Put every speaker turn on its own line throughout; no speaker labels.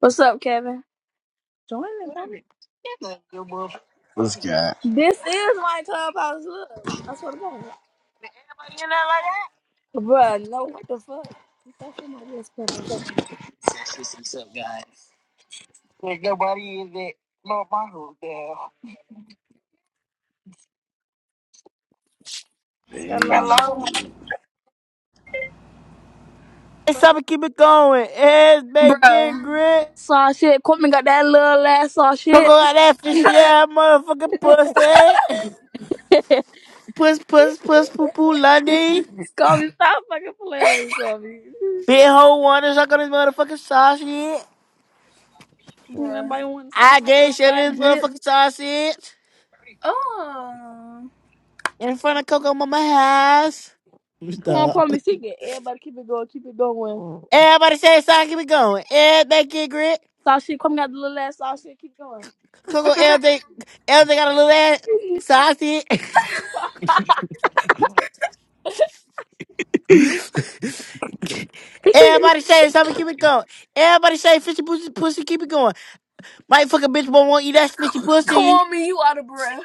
What's up, Kevin? Join the party.
What's good?
This is my clubhouse. Look, I swear to God, bruh, no, what the fuck? Is that somebody else's clubhouse? Hello,
Hey,
Hello.
It's time to keep it going. It's
bro.
bacon, grit.
saw shit. Coleman got that little ass saw
Fuck
shit.
all that fish, yeah, motherfucking pussy. Puss, puss, puss, poo, poo, Lundy.
Kobe, stop fucking playing with me, Kobe.
Big hoe wanna suck on this motherfucking sausage.
Bro,
Nobody want to suck on
I
that
gave
little
shit
ass
on this
dick.
motherfucking sausage.
Oh.
In front of Coco Mama house.
Come on,
Stop.
Coleman, she get everybody. Keep it going, keep it going.
Everybody say it's time to keep it going. It's bacon, grit.
Saw shit. Coleman got the little ass saw shit. Keep going.
Coco L. J. L. J. got a little ass sausage. Everybody say it's time to keep it going. Everybody say fishy pussy, pussy, keep it going. Right fucking bitch won't want to eat that snitchy
Come
pussy.
on, me, you out of breath.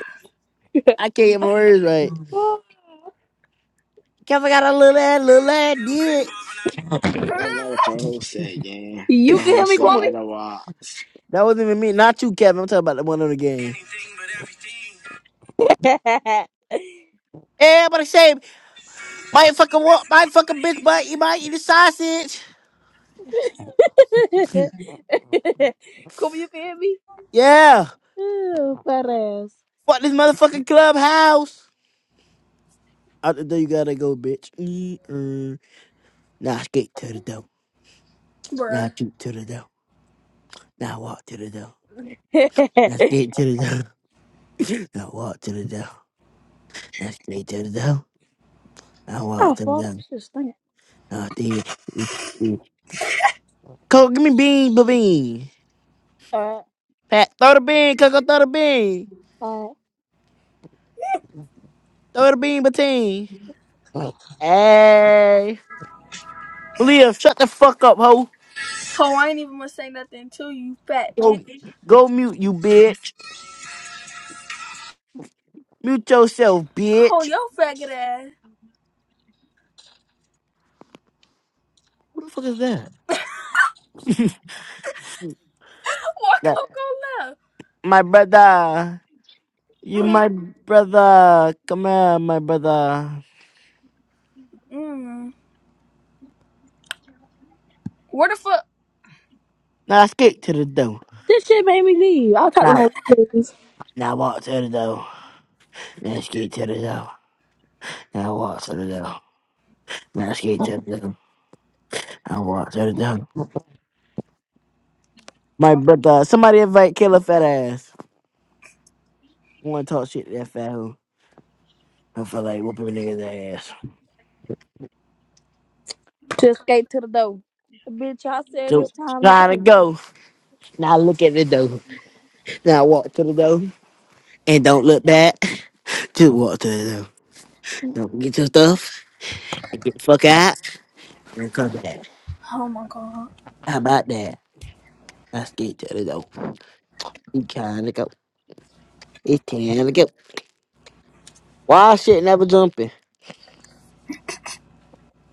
I can't get my words right.
Oh,
Kevin got a little ass, little ass dick.
that's not what your host said, gang.
You
Your
can hear
host
me,
said
Come on.
Coleman.
otherwise,
That wasn't even me. Not you, Kevin. I'm talking about the one on the game.
Anything but everything.
Everybody say, my fucking walk, my fucking bitch butt,
Anything.
you might eat a sausage.
Coleman, you can hear me.
Yeah.
Ew, fat ass.
Fuck this motherfucking clubhouse. Out the door you gotta go, bitch. Mm-mm. Now skate to the door. Now
Bruh.
shoot to the door. Now walk to the door. Now skate to the door. Now walk to the door. Now skate to the door. Now
Oh,
walk to the
fuck,
door.
shit stink.
Now skate. Coco, give me bean, ba
All
Pat, throw the bean, Coco, throw the bean.
right.
Throw the bean, Bateen. Hey. Leah, shut the fuck up, ho.
Oh, I ain't even gonna say nothing to you, fat bitch.
Go, go mute, you bitch. Mute yourself,
Oh,
bitch.
your faggot ass.
Who the fuck is that?
Why
That
Coco left?
my brother. You
Mm,
my brother. Come here, my brother.
mm. Where the fuck?
Now skate to the door.
This shit made me leave. I talked to
Now,
no please
now walk to the door. Now skate to the door. Now walk to the door. Now skate to the door. Now walk to the door. My
Talk.
brother, somebody invite Killer fat ass. I want to talk shit to that fat hoe. I feel like whooping a niggas ass.
to escape to the door. Bitch, I said
So
it's time to go.
trying to go. Now look at the door. Now walk to the door and don't look back. Just walk to the door. Don't get your stuff and get the fuck out and come back.
Oh my god.
How about that? Let's get to the door. We trying to go. It's time to go. Why shit never jumping?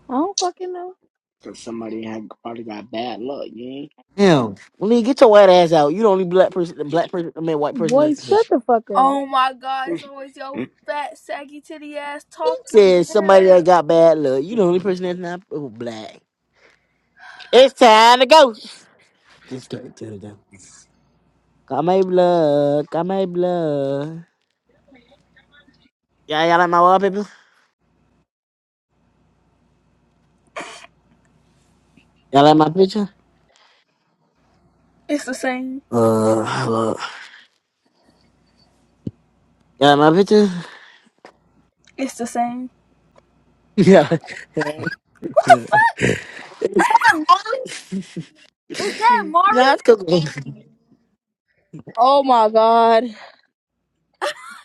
I don't fucking know.
cause somebody had probably got bad luck,
Hell, Lee, get your white ass out. You the only black person, the black person, I mean white
Boy,
person.
shut the fuck up.
Oh my god,
gang.
it's always your fat, saggy titty ass
He
talking.
said somebody
down.
that got bad luck. You the only person that's not oh, black. It's time to go. Just give it to them. Got my blood. Got my blood. Y'all, y'all like my wallpaper? Y'all like my picture?
It's the same.
Uh, hello. Y'all like my picture?
It's the same. What the
Yeah.
fuck? Is that Mari?
nah, it's cool.
Oh my god.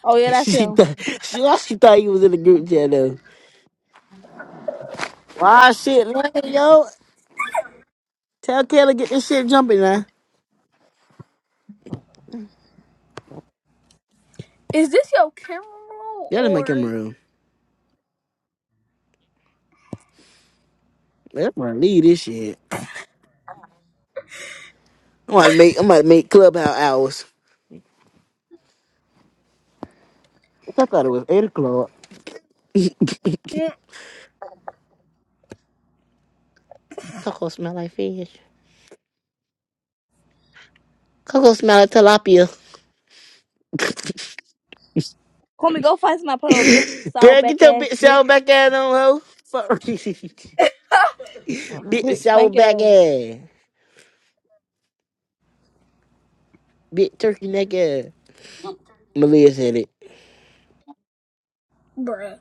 Oh yeah, that's
she
him.
thought she, why she thought you was in the group chat though. Why shit, man, yo? Tell Taylor get this shit jumping now.
Is this your camera roll
Y'all in my camera
or
room. Man, I'm gonna leave this shit. I'm gonna make I'm gonna make clubhouse hours. I thought it was eight o'clock.
Mm,
Coco smell like fish. Coco smell like tilapia.
Comey, go find somebody put a big saw
Girl, get
back
your
ass
big sour
bitch.
back ass on, ho. Fuck. big
Big
sour
stank
back
ass.
ass. Big turkey neck ass. Malia said it.
bruh?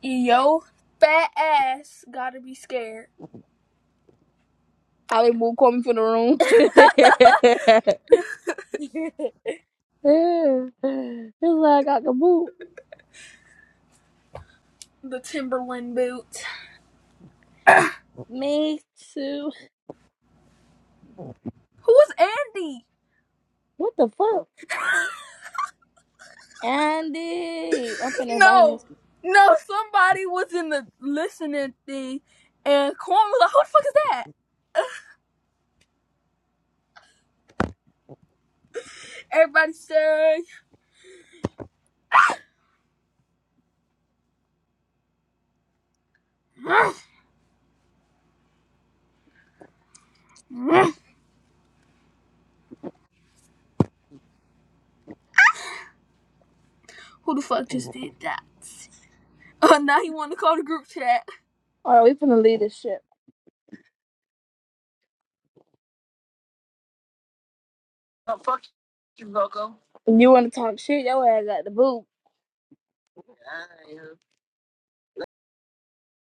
Yo fat ass gotta be scared.
I like move Comey from the room. It's like I got the boot.
The Timberland boots.
Me too.
Who was Andy?
What the fuck? Andy. I'm finna invite him.
No. No, somebody was in the listening thing and Corn was like, Who the fuck is that? Everybody saying, Who the fuck just did that? Uh, now he wanna call the group chat.
Alright, we finna leave this shit. You wanna talk shit? Your ass got the boot.